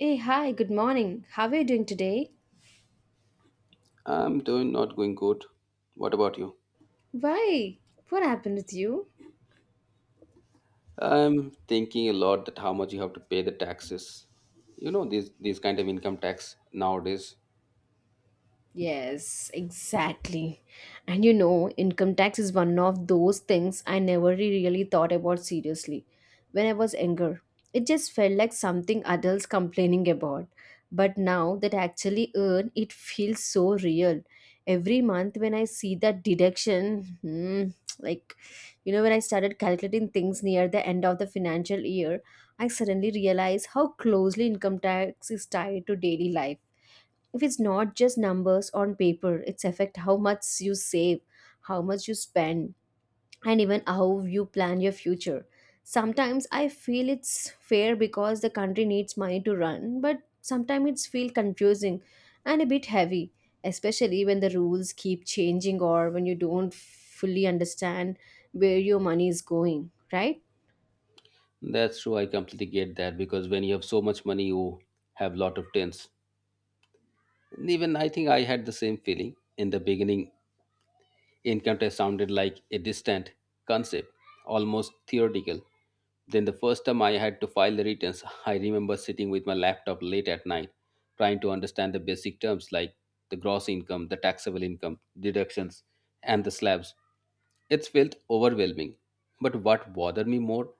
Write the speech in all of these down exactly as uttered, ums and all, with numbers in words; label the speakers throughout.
Speaker 1: Hey, hi, good morning. How are you doing today?
Speaker 2: I'm doing not going good. What about you?
Speaker 1: Why? What happened with you?
Speaker 2: I'm thinking a lot that how much you have to pay the taxes. You know these these kind of income tax nowadays.
Speaker 1: Yes, exactly. And you know, income tax is one of those things I never re- really thought about seriously when I was younger. It just felt like something adults complaining about. But now that I actually earn, it feels so real. Every month when I see that deduction, hmm, like, you know, when I started calculating things near the end of the financial year, I suddenly realized how closely income tax is tied to daily life, if it's not just numbers on paper. It's affect how much you save, how much you spend, and even how you plan your future. Sometimes I feel it's fair because the country needs money to run, but sometimes it's feel confusing and a bit heavy, especially when the rules keep changing or when you don't fully understand where your money is going, right?
Speaker 2: That's true. I completely get that because when you have so much money, you have lot of tens. And even I think I had the same feeling in the beginning. Encounter sounded like a distant concept, almost theoretical. Then the first time I had to file the returns, I remember sitting with my laptop late at night, trying to understand the basic terms like the gross income, the taxable income, deductions, and the slabs. It felt overwhelming. But what bothered me more?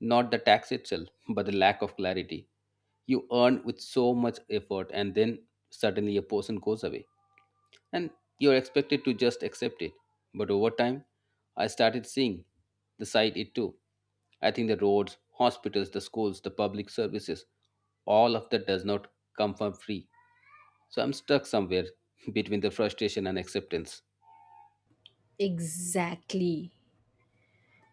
Speaker 2: Not the tax itself, but the lack of clarity. You earn with so much effort, and then suddenly a portion goes away and you're expected to just accept it. But over time, I started seeing the side it took. I think the roads, hospitals, the schools, the public services, all of that does not come for free. So I'm stuck somewhere between the frustration and acceptance.
Speaker 1: Exactly.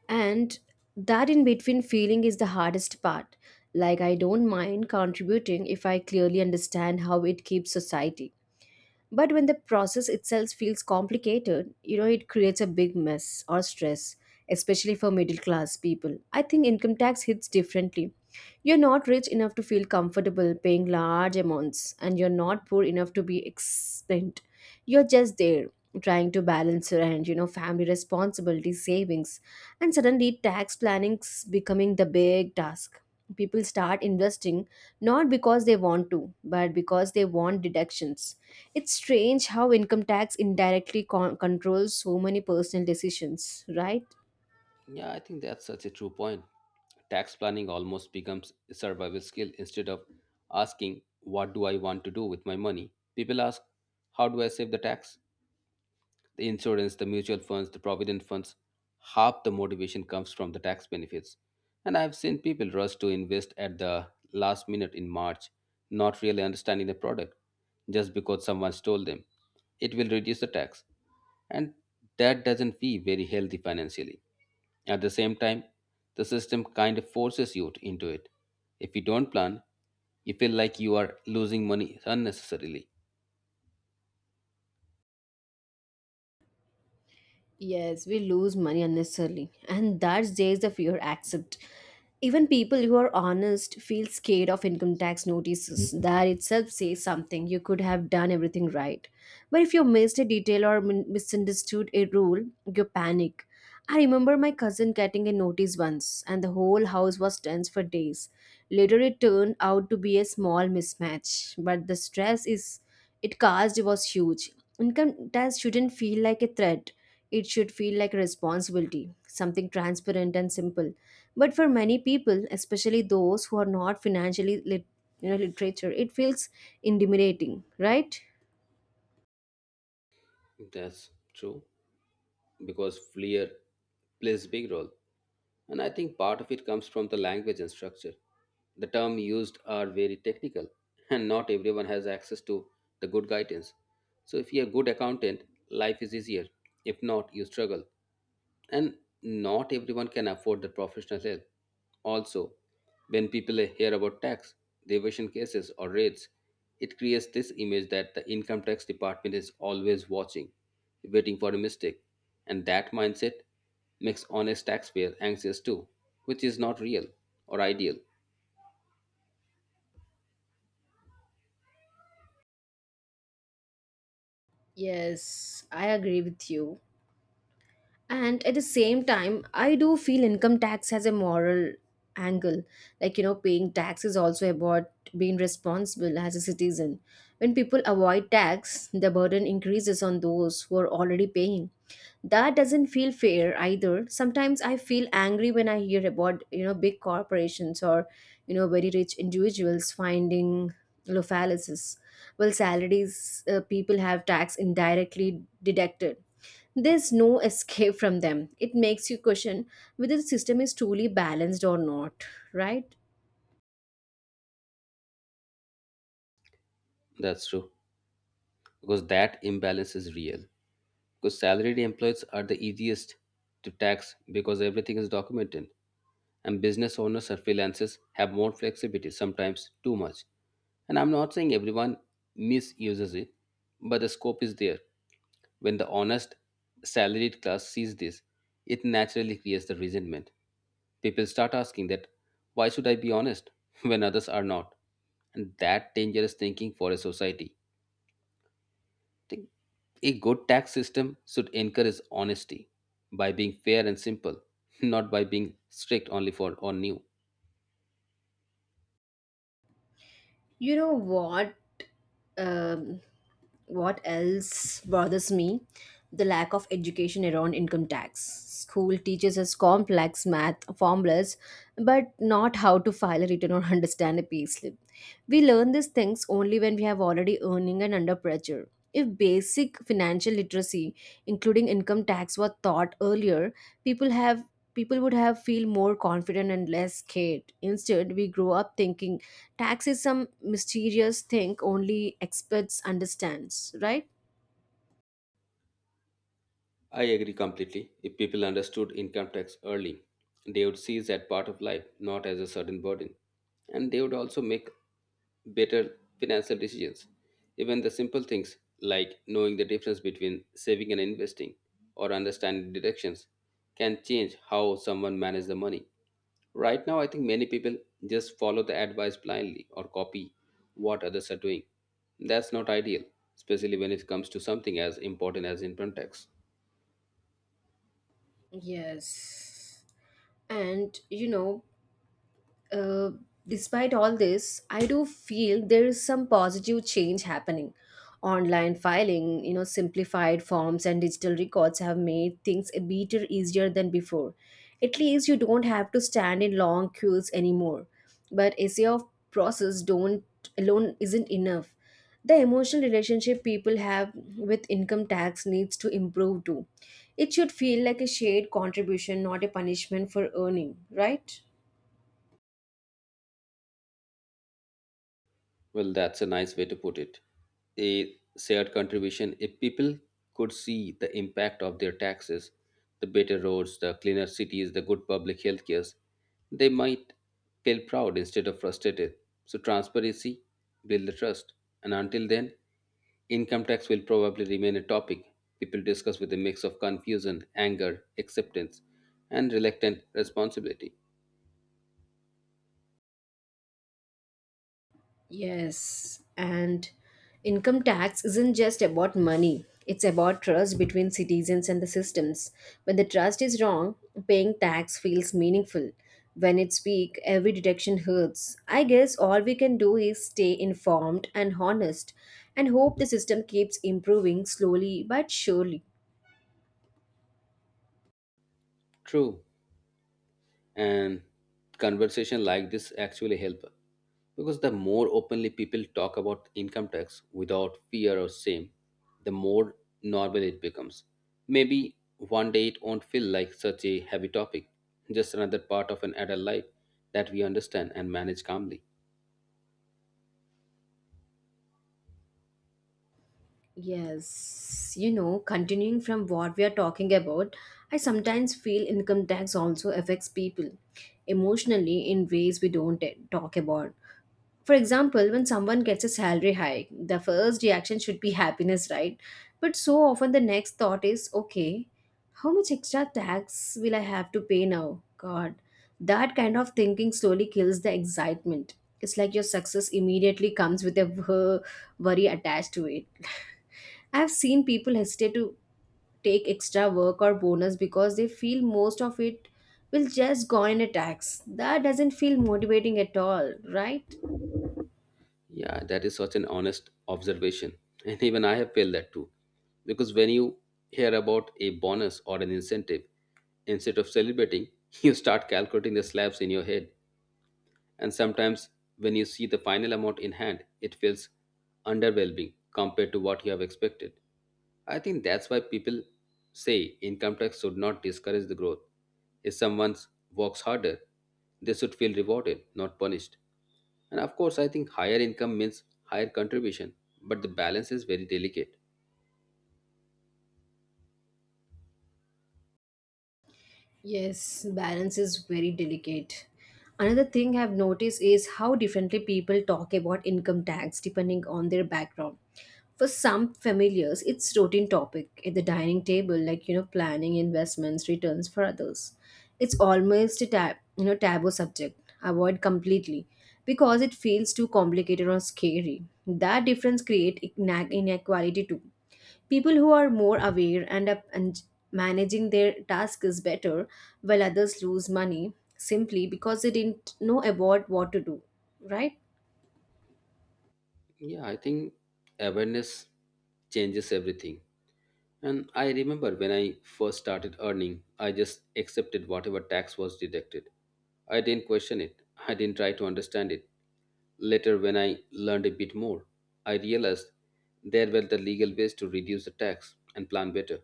Speaker 1: And that in between feeling is the hardest part. Like, I don't mind contributing if I clearly understand how it keeps society. But when the process itself feels complicated, you know, it creates a big mess or stress, especially for middle class people. I think income tax hits differently. You're not rich enough to feel comfortable paying large amounts, and you're not poor enough to be spent. You're just there trying to balance rent, you know, family responsibility, savings, and suddenly tax planning is becoming the big task. People start investing not because they want to but because they want deductions. It's strange how income tax indirectly con- controls so many personal decisions, right?
Speaker 2: Yeah, I think that's such a true point. Tax planning almost becomes a survival skill. Instead of asking, "What do I want to do with my money?" people ask, "How do I save the tax?" The insurance, the mutual funds, the provident funds, half the motivation comes from the tax benefits. And I've seen people rush to invest at the last minute in March, not really understanding the product, just because someone told them it will reduce the tax. And that doesn't feel very healthy financially. At the same time, the system kind of forces you to- into it. If you don't plan, you feel like you are losing money unnecessarily.
Speaker 1: Yes, we lose money unnecessarily, and that's there's the fear. Accept. Even people who are honest feel scared of income tax notices. That itself says something. You could have done everything right, but if you missed a detail or min- misunderstood a rule, you panic. I remember my cousin getting a notice once, and the whole house was tense for days. Later, it turned out to be a small mismatch, but the stress is it caused was huge. Income tax shouldn't feel like a threat. It should feel like a responsibility, something transparent and simple. But for many people, especially those who are not financially lit- you know, literature, it feels intimidating, right?
Speaker 2: That's true, because flair plays big role. And I think part of it comes from the language and structure. The terms used are very technical, and not everyone has access to the good guidance. So, if you're a good accountant, life is easier. If not, you struggle, and not everyone can afford the professional help. Also, when people hear about tax evasion cases or raids, it creates this image that the income tax department is always watching, waiting for a mistake, and that mindset makes honest taxpayer anxious too, which is not real or ideal.
Speaker 1: Yes, I agree with you. And at the same time, I do feel income tax has a moral angle. Like, you know, paying tax is also about being responsible as a citizen. When people avoid tax, the burden increases on those who are already paying. That doesn't feel fair either. Sometimes I feel angry when I hear about, you know, big corporations or, you know, very rich individuals finding loopholes. Well, salaries, uh, people have tax indirectly deducted. There's no escape from them. It makes you question whether the system is truly balanced or not, right?
Speaker 2: That's true, because that imbalance is real. Because salaried employees are the easiest to tax because everything is documented, and business owners or freelancers have more flexibility, sometimes too much. And I'm not saying everyone misuses it, but the scope is there. When the honest, salaried class sees this, it naturally creates the resentment. People start asking that, why should I be honest when others are not? And that dangerous thinking for a society. Think a good tax system should encourage honesty by being fair and simple, not by being strict only for or new.
Speaker 1: You know what? Um, what else bothers me, the lack of education around income tax. School teaches us complex math formulas but not how to file a return or understand a payslip. We learn these things only when we have already earning and under pressure. If basic financial literacy including income tax were taught earlier, people have, people would have feel more confident and less scared. Instead we grow up thinking tax is some mysterious thing only experts understands, right?
Speaker 2: I agree completely. If people understood income tax early, they would see that part of life not as a sudden burden, and they would also make better financial decisions. Even the simple things like knowing the difference between saving and investing or understanding deductions can change how someone manages the money. Right now, I think many people just follow the advice blindly or copy what others are doing. That's not ideal, especially when it comes to something as important as income tax.
Speaker 1: Yes. And you know, uh, despite all this, I do feel there is some positive change happening. Online filing, you know, simplified forms and digital records have made things a bit easier than before. At least you don't have to stand in long queues anymore. But essay of process don't alone isn't enough. The emotional relationship people have with income tax needs to improve too. It should feel like a shared contribution, not a punishment for earning, right?
Speaker 2: Well, that's a nice way to put it. A shared contribution. If people could see the impact of their taxes, the better roads, the cleaner cities, the good public health cares, they might feel proud instead of frustrated. So, transparency, build the trust. And until then, income tax will probably remain a topic people discuss with a mix of confusion, anger, acceptance, and reluctant responsibility.
Speaker 1: Yes, and income tax isn't just about money. It's about trust between citizens and the systems. When the trust is wrong, paying tax feels meaningful. When it's weak, every deduction hurts. I guess all we can do is stay informed and honest and hope the system keeps improving slowly but surely.
Speaker 2: True. And conversation like this actually help, because the more openly people talk about income tax without fear or shame, the more normal it becomes. Maybe one day it won't feel like such a heavy topic, just another part of an adult life that we understand and manage calmly.
Speaker 1: Yes, you know, continuing from what we are talking about, I sometimes feel income tax also affects people emotionally in ways we don't, eh, talk about. For example, when someone gets a salary hike, the first reaction should be happiness, right? But so often the next thought is, okay, how much extra tax will I have to pay now? God, that kind of thinking slowly kills the excitement. It's like your success immediately comes with a wor- worry attached to it. I've seen people hesitate to take extra work or bonus because they feel most of it will just go in a tax. That doesn't feel motivating at all, right?
Speaker 2: Yeah, that is such an honest observation. And even I have felt that too. Because when you hear about a bonus or an incentive, instead of celebrating, you start calculating the slabs in your head, and sometimes when you see the final amount in hand, it feels underwhelming compared to what you have expected. I think that's why people say income tax should not discourage the growth. If someone works harder, they should feel rewarded, not punished. And of course, I think higher income means higher contribution, but the balance is very delicate.
Speaker 1: Yes, balance is very delicate. Another thing I've noticed is how differently people talk about income tax depending on their background. For some familiars, it's routine topic at the dining table, like, you know, planning investments, returns for others. It's almost a tab, you know, taboo subject. Avoid completely because it feels too complicated or scary. That difference create ina- inequality too. People who are more aware and, up and managing their task is better, while others lose money simply because they didn't know about what to do. Right?
Speaker 2: Yeah, I think awareness changes everything. And I remember when I first started earning, I just accepted whatever tax was deducted. I didn't question it, I didn't try to understand it. Later, when I learned a bit more, I realized there were the legal ways to reduce the tax and plan better.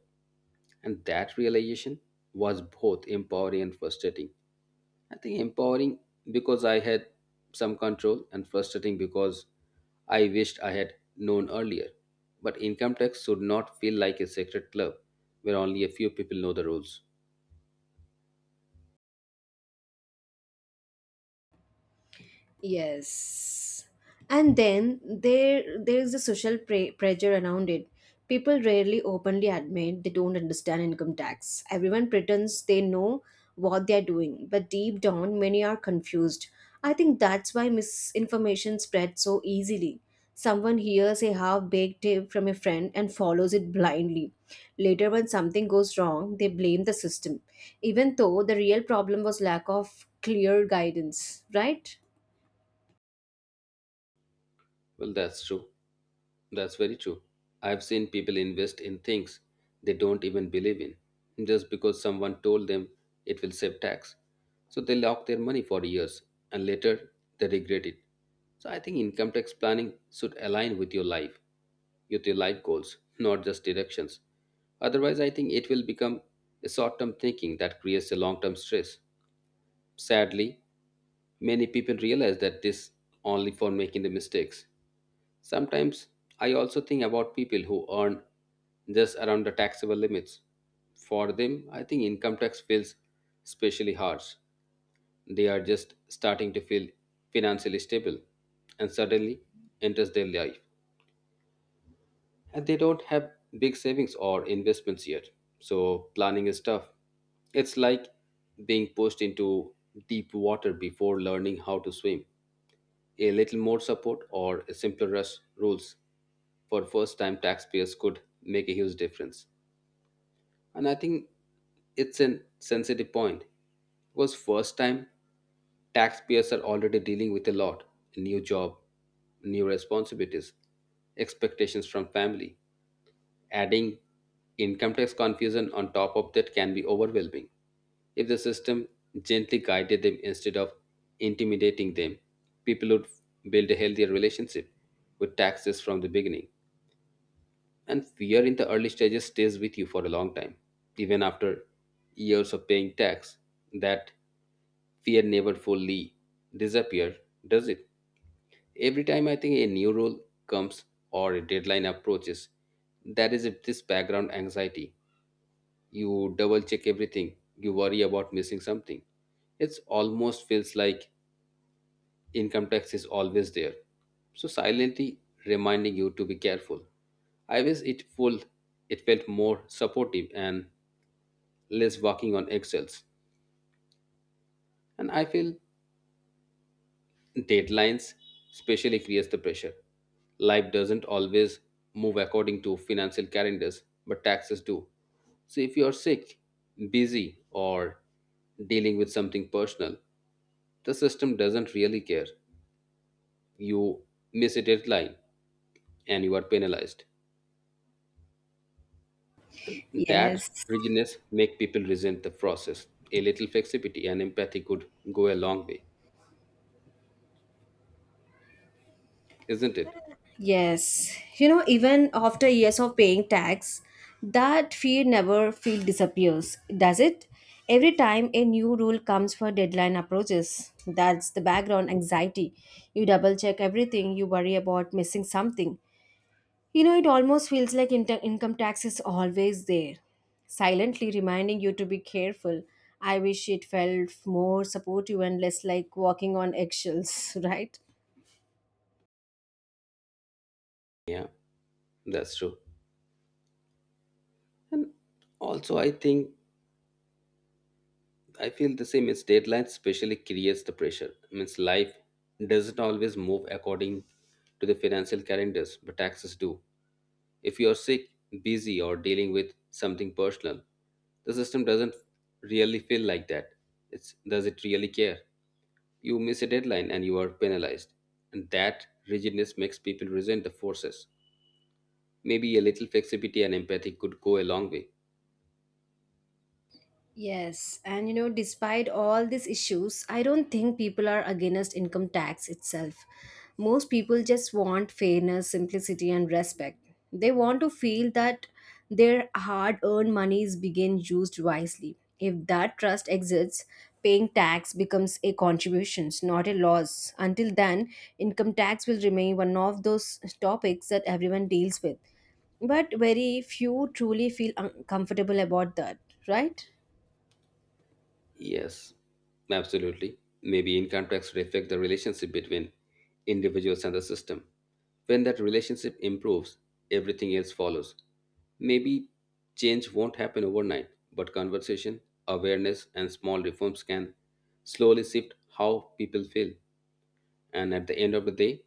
Speaker 2: And that realization was both empowering and frustrating. I think empowering because I had some control, and frustrating because I wished I had known earlier. But income tax should not feel like a secret club where only a few people know the rules.
Speaker 1: Yes. And then there there is the social pre- pressure around it. People rarely openly admit they don't understand income tax. Everyone pretends they know what they are doing, but deep down many are confused. I think that's why misinformation spreads so easily. Someone hears a half-baked tip from a friend and follows it blindly. Later when something goes wrong, they blame the system, even though the real problem was lack of clear guidance, right?
Speaker 2: Well, that's true. That's very true. I've seen people invest in things they don't even believe in just because someone told them it will save tax. So they lock their money for years and later they regret it. So I think income tax planning should align with your life, with your life goals, not just directions. Otherwise, I think it will become a short term thinking that creates a long term stress. Sadly, many people realize that this only for making the mistakes. Sometimes I also think about people who earn just around the taxable limits. For them, I think income tax feels especially harsh. They are just starting to feel financially stable, and suddenly enters their life. And they don't have big savings or investments yet. So planning is tough. It's like being pushed into deep water before learning how to swim. A little more support or simpler rush rules for first time taxpayers could make a huge difference. And I think it's a sensitive point because first time taxpayers are already dealing with a lot, new job, new responsibilities, expectations from family. Adding income tax confusion on top of that can be overwhelming. If the system gently guided them instead of intimidating them, people would build a healthier relationship with taxes from the beginning. And fear in the early stages stays with you for a long time. Even after years of paying tax, that fear never fully disappears, does it? Every time I think a new rule comes or a deadline approaches, there is this background anxiety. You double check everything, you worry about missing something. It almost feels like income tax is always there, so silently reminding you to be careful. I wish it full, it felt more supportive and less walking on eggshells. And I feel deadlines especially creates the pressure. Life doesn't always move according to financial calendars, but taxes do. So if you are sick, busy, or dealing with something personal, the system doesn't really care. You miss a deadline and you are penalized. That
Speaker 1: Yes,
Speaker 2: rigidness make people resent the process. A little flexibility and empathy could go a long way, isn't it?
Speaker 1: yes. You know, even after years of paying tax, that fear never feel disappears, does it? Every time a new rule comes for deadline approaches, that's the background anxiety. You double check everything, you worry about missing something. You know, it almost feels like inter- income tax is always there, silently reminding you to be careful. I wish it felt more supportive and less like walking on eggshells, right?
Speaker 2: Yeah, that's true. And also, I think I feel the same is deadline especially creates the pressure. Means life doesn't always move according to the financial calendars, but taxes do. If you're sick, busy, or dealing with something personal, the system doesn't really feel like that. It's does it really care? You miss a deadline and you are penalized. And that rigidness makes people resent the forces. Maybe a little flexibility and empathy could go a long way.
Speaker 1: Yes, and you know, despite all these issues, I don't think people are against income tax itself. Most people just want fairness, simplicity, and respect. They want to feel that their hard earned money is being used wisely. If that trust exists, paying tax becomes a contribution, not a loss. Until then, income tax will remain one of those topics that everyone deals with. But very few truly feel uncomfortable about that, right?
Speaker 2: Yes, absolutely. Maybe in context reflect the relationship between individuals and the system. When that relationship improves, everything else follows. Maybe change won't happen overnight, but conversation, awareness, and small reforms can slowly shift how people feel. And at the end of the day,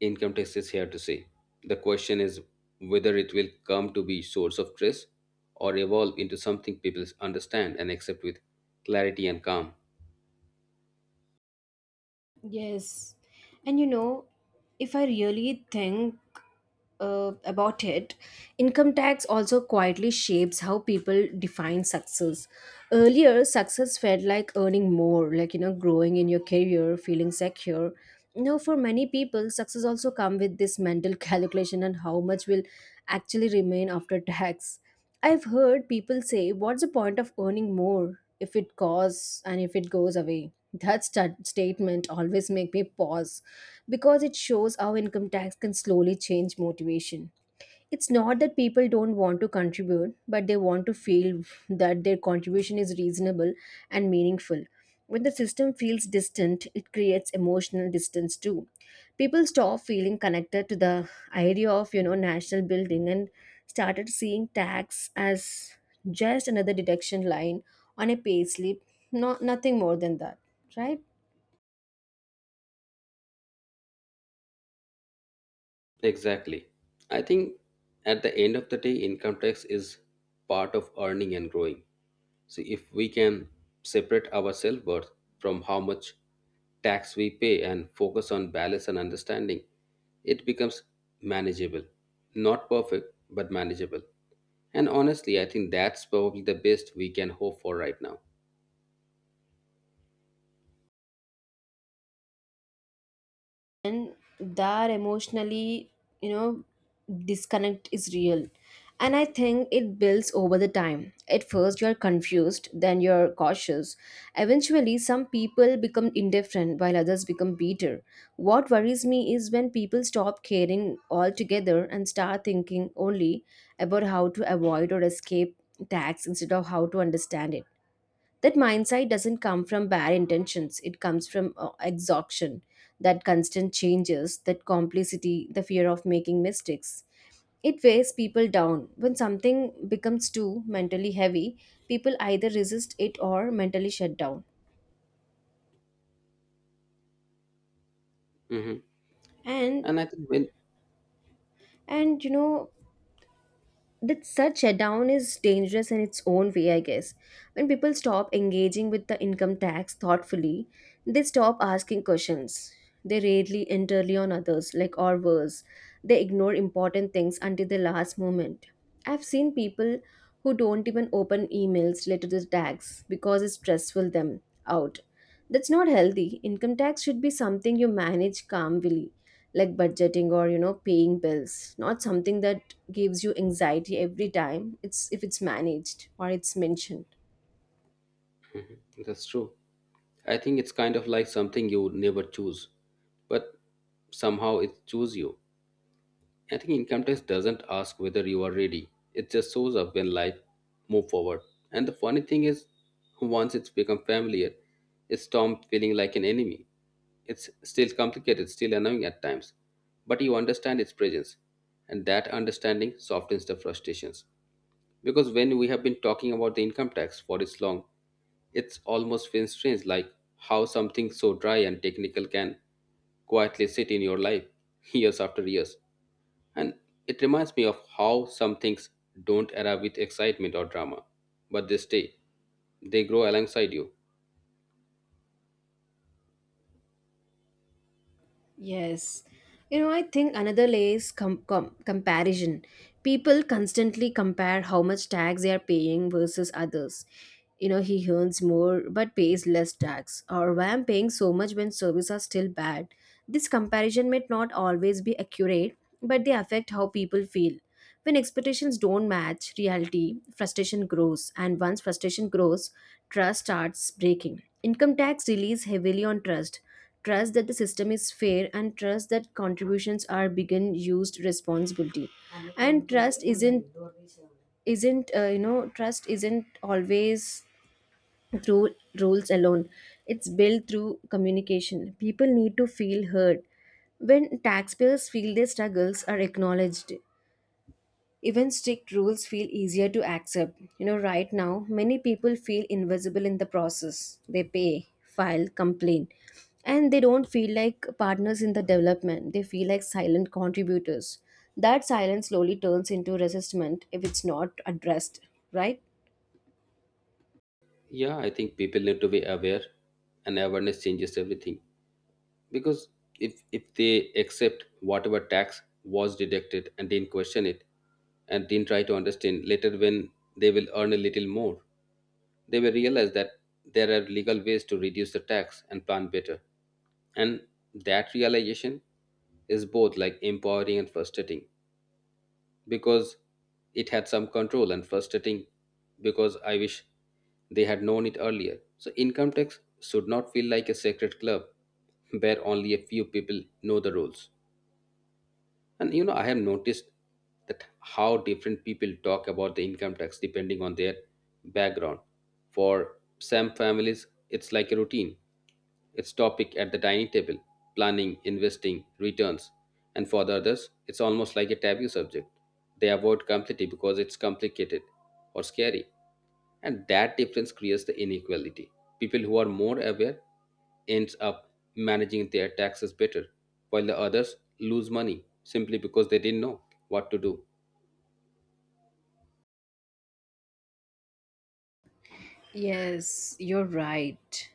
Speaker 2: income tax is here to stay. The question is whether it will come to be source of stress or evolve into something people understand and accept with clarity and calm.
Speaker 1: Yes. And you know, if I really think uh, about it, income tax also quietly shapes how people define success. Earlier, success felt like earning more, like, you know, growing in your career, feeling secure. Now, for many people, success also come with this mental calculation on how much will actually remain after tax. I've heard people say, "What's the point of earning more if it costs and if it goes away?" That sta statement always make me pause because it shows how income tax can slowly change motivation. It's not that people don't want to contribute, but they want to feel that their contribution is reasonable and meaningful. When the system feels distant, it creates emotional distance too. People stop feeling connected to the idea of, you know, national building and started seeing tax as just another deduction line on a pay slip, not nothing more than that, right?
Speaker 2: Exactly. I think at the end of the day, income tax is part of earning and growing. So if we can separate our self worth from how much tax we pay and focus on balance and understanding, it becomes manageable. Not perfect, but manageable. And honestly, I think that's probably the best we can hope for right now.
Speaker 1: And their emotionally, you know, disconnect is real, and I think it builds over the time. At first you're confused, then you're cautious. Eventually some people become indifferent while others become bitter. What worries me is when people stop caring altogether and start thinking only about how to avoid or escape tax instead of how to understand it. That mindset doesn't come from bare intentions, it comes from uh, exhaustion, that constant changes, that complicity, the fear of making mistakes. It weighs people down. When something becomes too mentally heavy, people either resist it or mentally shut down.
Speaker 2: Hmm.
Speaker 1: and
Speaker 2: And I think when.
Speaker 1: and you know, that such shutdown is dangerous in its own way, I guess. When people stop engaging with the income tax thoughtfully, they stop asking questions. They rarely entirely on others, like or worse, they ignore important things until the last moment. I've seen people who don't even open emails related to the tax because it stressful them out. That's not healthy. Income tax should be something you manage calmly, like budgeting or you know paying bills, not something that gives you anxiety every time. It's if it's managed or it's mentioned.
Speaker 2: Mhm. That's true, I think it's kind of like something you would never choose, but somehow it chooses you. I think income tax doesn't ask whether you are ready; it just shows up when life move forward. And the funny thing is, once it's become familiar, it's stopped feeling like an enemy. It's still complicated, still annoying at times, but you understand its presence, and that understanding softens the frustrations. Because when we have been talking about the income tax for this long, it's almost feels strange like how something so dry and technical can quietly sit in your life years after years. And it reminds me of how some things don't arrive with excitement or drama, but they stay. They grow alongside you.
Speaker 1: Yes. You know, I think another layer is com- com- comparison. People constantly compare how much tax they are paying versus others. You know, he earns more but pays less tax, or why I'm paying so much when services are still bad. This comparison may not always be accurate, but they affect how people feel. When expectations don't match reality, frustration grows, and once frustration grows, trust starts breaking. Income tax relies heavily on trust trust that the system is fair and trust that contributions are being used responsibility and trust isn't isn't uh, you know trust isn't always through rules alone. It's built through communication. People need to feel heard. When taxpayers feel their struggles are acknowledged, even strict rules feel easier to accept. You know, right now, many people feel invisible in the process. They pay, file, complain, and they don't feel like partners in the development. They feel like silent contributors. That silence slowly turns into resentment if it's not addressed, right?
Speaker 2: Yeah, I think people need to be aware, and awareness changes everything. Because if if they accept whatever tax was deducted and didn't question it and didn't try to understand later, when they will earn a little more, they will realize that there are legal ways to reduce the tax and plan better, and that realization is both like empowering and frustrating because it had some control, and frustrating because I wish they had known it earlier. So, income tax should not feel like a secret club where only a few people know the rules. And you know, I have noticed that how different people talk about the income tax depending on their background. For some families, it's like a routine. It's topic at the dining table, planning, investing, returns. And for the others, it's almost like a taboo subject. They avoid completely because it's complicated or scary, and that difference creates the inequality. People who are more aware ends up managing their taxes better, while the others lose money simply because they didn't know what to do.
Speaker 1: Yes, you're right.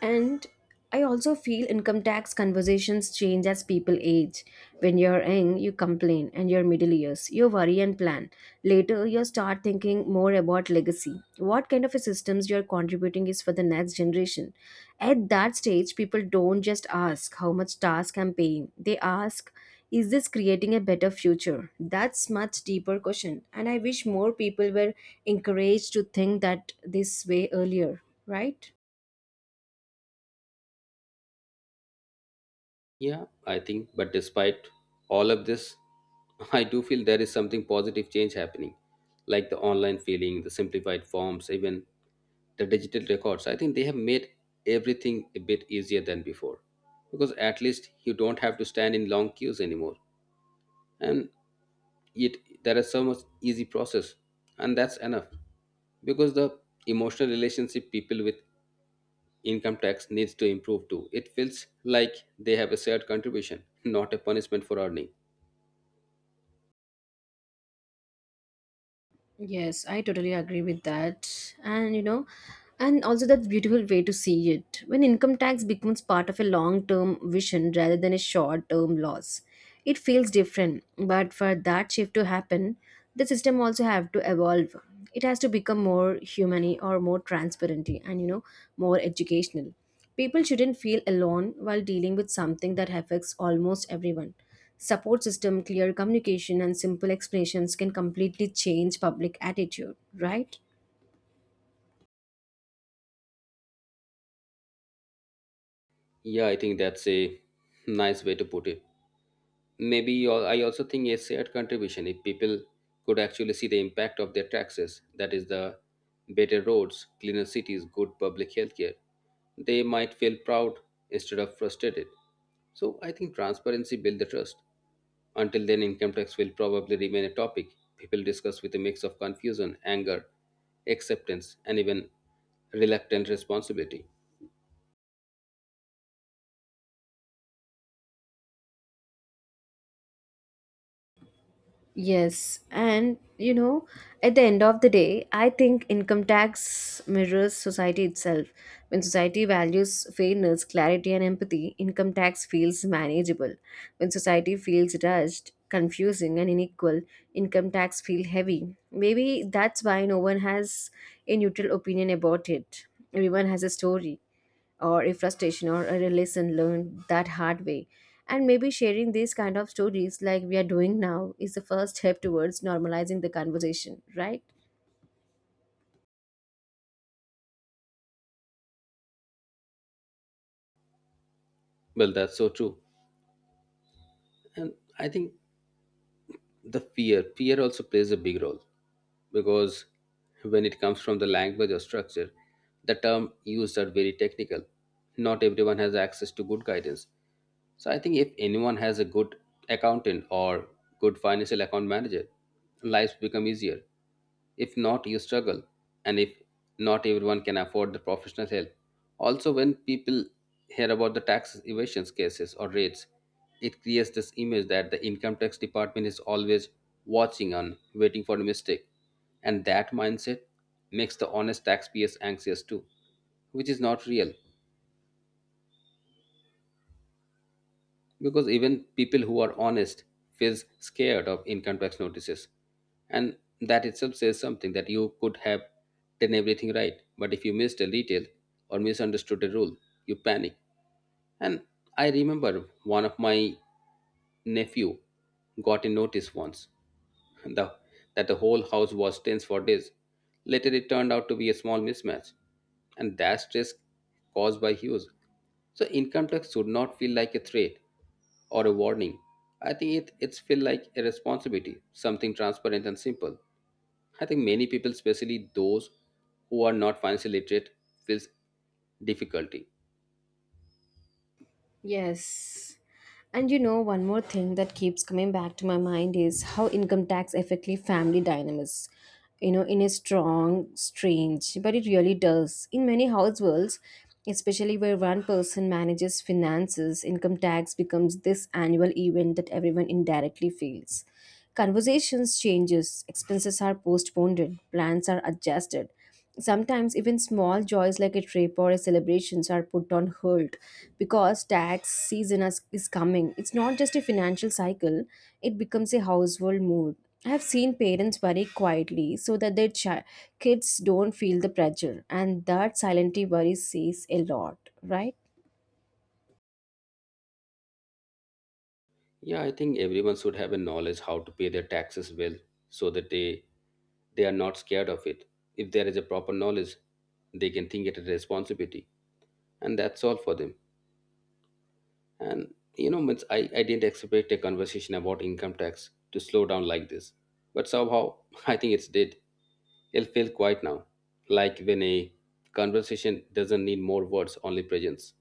Speaker 1: And I also feel income tax conversations change as people age. When you're young, you complain, and your middle years, you worry and plan. Later, you start thinking more about legacy. What kind of a systems you're contributing is for the next generation. At that stage, people don't just ask how much task I'm paying. They ask, is this creating a better future? That's much deeper question. And I wish more people were encouraged to think that this way earlier, right?
Speaker 2: Yeah, I think, but despite all of this, I do feel there is something positive change happening, like the online filing, the simplified forms, even the digital records. I think they have made everything a bit easier than before, because at least you don't have to stand in long queues anymore. And yet, there is so much easy process, and that's enough, because the emotional relationship people with income tax needs to improve too. It feels like they have a shared contribution, not a punishment for earning.
Speaker 1: Yes, I totally agree with that. And you know, and also that's beautiful way to see it. When income tax becomes part of a long-term vision rather than a short-term loss, it feels different. But for that shift to happen, the system also have to evolve. It has to become more humane or more transparent and, you know, more educational. People shouldn't feel alone while dealing with something that affects almost everyone. Support system, clear communication, and simple explanations can completely change public attitude, right?
Speaker 2: Yeah, I think that's a nice way to put it. Maybe al- I also think a shared contribution, if people could actually see the impact of their taxes, that is the better roads, cleaner cities, good public health care, they might feel proud instead of frustrated. So I think transparency builds the trust. Until then, income tax will probably remain a topic people discuss with a mix of confusion, anger, acceptance, and even reluctant responsibility.
Speaker 1: Yes, and you know, at the end of the day, I think income tax mirrors society itself. When society values fairness, clarity, and empathy, income tax feels manageable. When society feels rushed, confusing, and unequal, income tax feels heavy. Maybe that's why no one has a neutral opinion about it. Everyone has a story or a frustration or a lesson learned that hard way, and maybe sharing these kind of stories, like we are doing now, is the first step towards normalizing the conversation, right?
Speaker 2: Well, that's so true. And I think the fear fear also plays a big role, because when it comes from the language or structure, the term used are very technical. Not everyone has access to good guidance. So I think if anyone has a good accountant or good financial account manager, lives become easier. If not, you struggle. And if not everyone can afford the professional help. Also, when people hear about the tax evasion cases or raids, it creates this image that the income tax department is always watching and waiting for a mistake. And that mindset makes the honest taxpayers anxious too, which is not real. Because even people who are honest feels scared of income tax notices, and that itself says something, that you could have done everything right, but if you missed a detail or misunderstood a rule, you panic. And I remember one of my nephew got a notice once, the, that the whole house was tense for days. Later, it turned out to be a small mismatch, and that stress caused by Hughes. So, income tax should not feel like a threat or a warning. I think it it's feel like a responsibility, something transparent and simple. I think many people, especially those who are not financially literate, feels difficulty.
Speaker 1: Yes, and you know, one more thing that keeps coming back to my mind is how income tax affects family dynamics. You know, in a strong strange, but it really does in many households, especially where one person manages finances. Income tax becomes this annual event that everyone indirectly feels. Conversations changes, expenses are postponed, plans are adjusted. Sometimes even small joys like a trip or a celebrations are put on hold because tax season is is coming. It's not just a financial cycle, it becomes a household mood. I have seen parents worry quietly so that their chi- kids don't feel the pressure, and that silently worry says a lot, right?
Speaker 2: Yeah, I think everyone should have a knowledge how to pay their taxes well, so that they they are not scared of it. If there is a proper knowledge, they can think it as a responsibility, and that's all for them. And you know, means I, I didn't expect a conversation about income tax to slow down like this, but somehow I think it's did. It'll quiet now, like when a conversation doesn't need more words, only presence.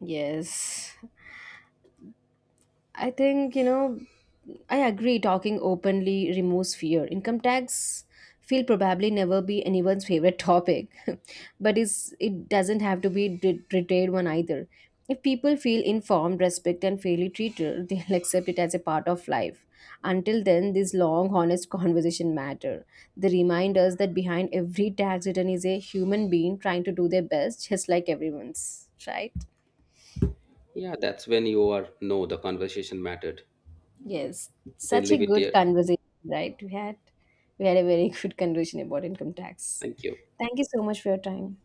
Speaker 1: Yes, I think, you know, I agree, talking openly removes fear. Income tax will probably never be anyone's favorite topic, but it's, it doesn't have to be de- deterred one either. If people feel informed, respect, and fairly treated, they'll accept it as a part of life. Until then, this long, honest conversation matter. They remind us that behind every tax return is a human being trying to do their best, just like everyone's. Right?
Speaker 2: Yeah, that's when you are know the conversation mattered.
Speaker 1: Yes,
Speaker 2: Then
Speaker 1: such a
Speaker 2: leave it
Speaker 1: good
Speaker 2: there.
Speaker 1: conversation, right? We had we had a very good conversation about income tax.
Speaker 2: Thank you.
Speaker 1: Thank you so much for your time.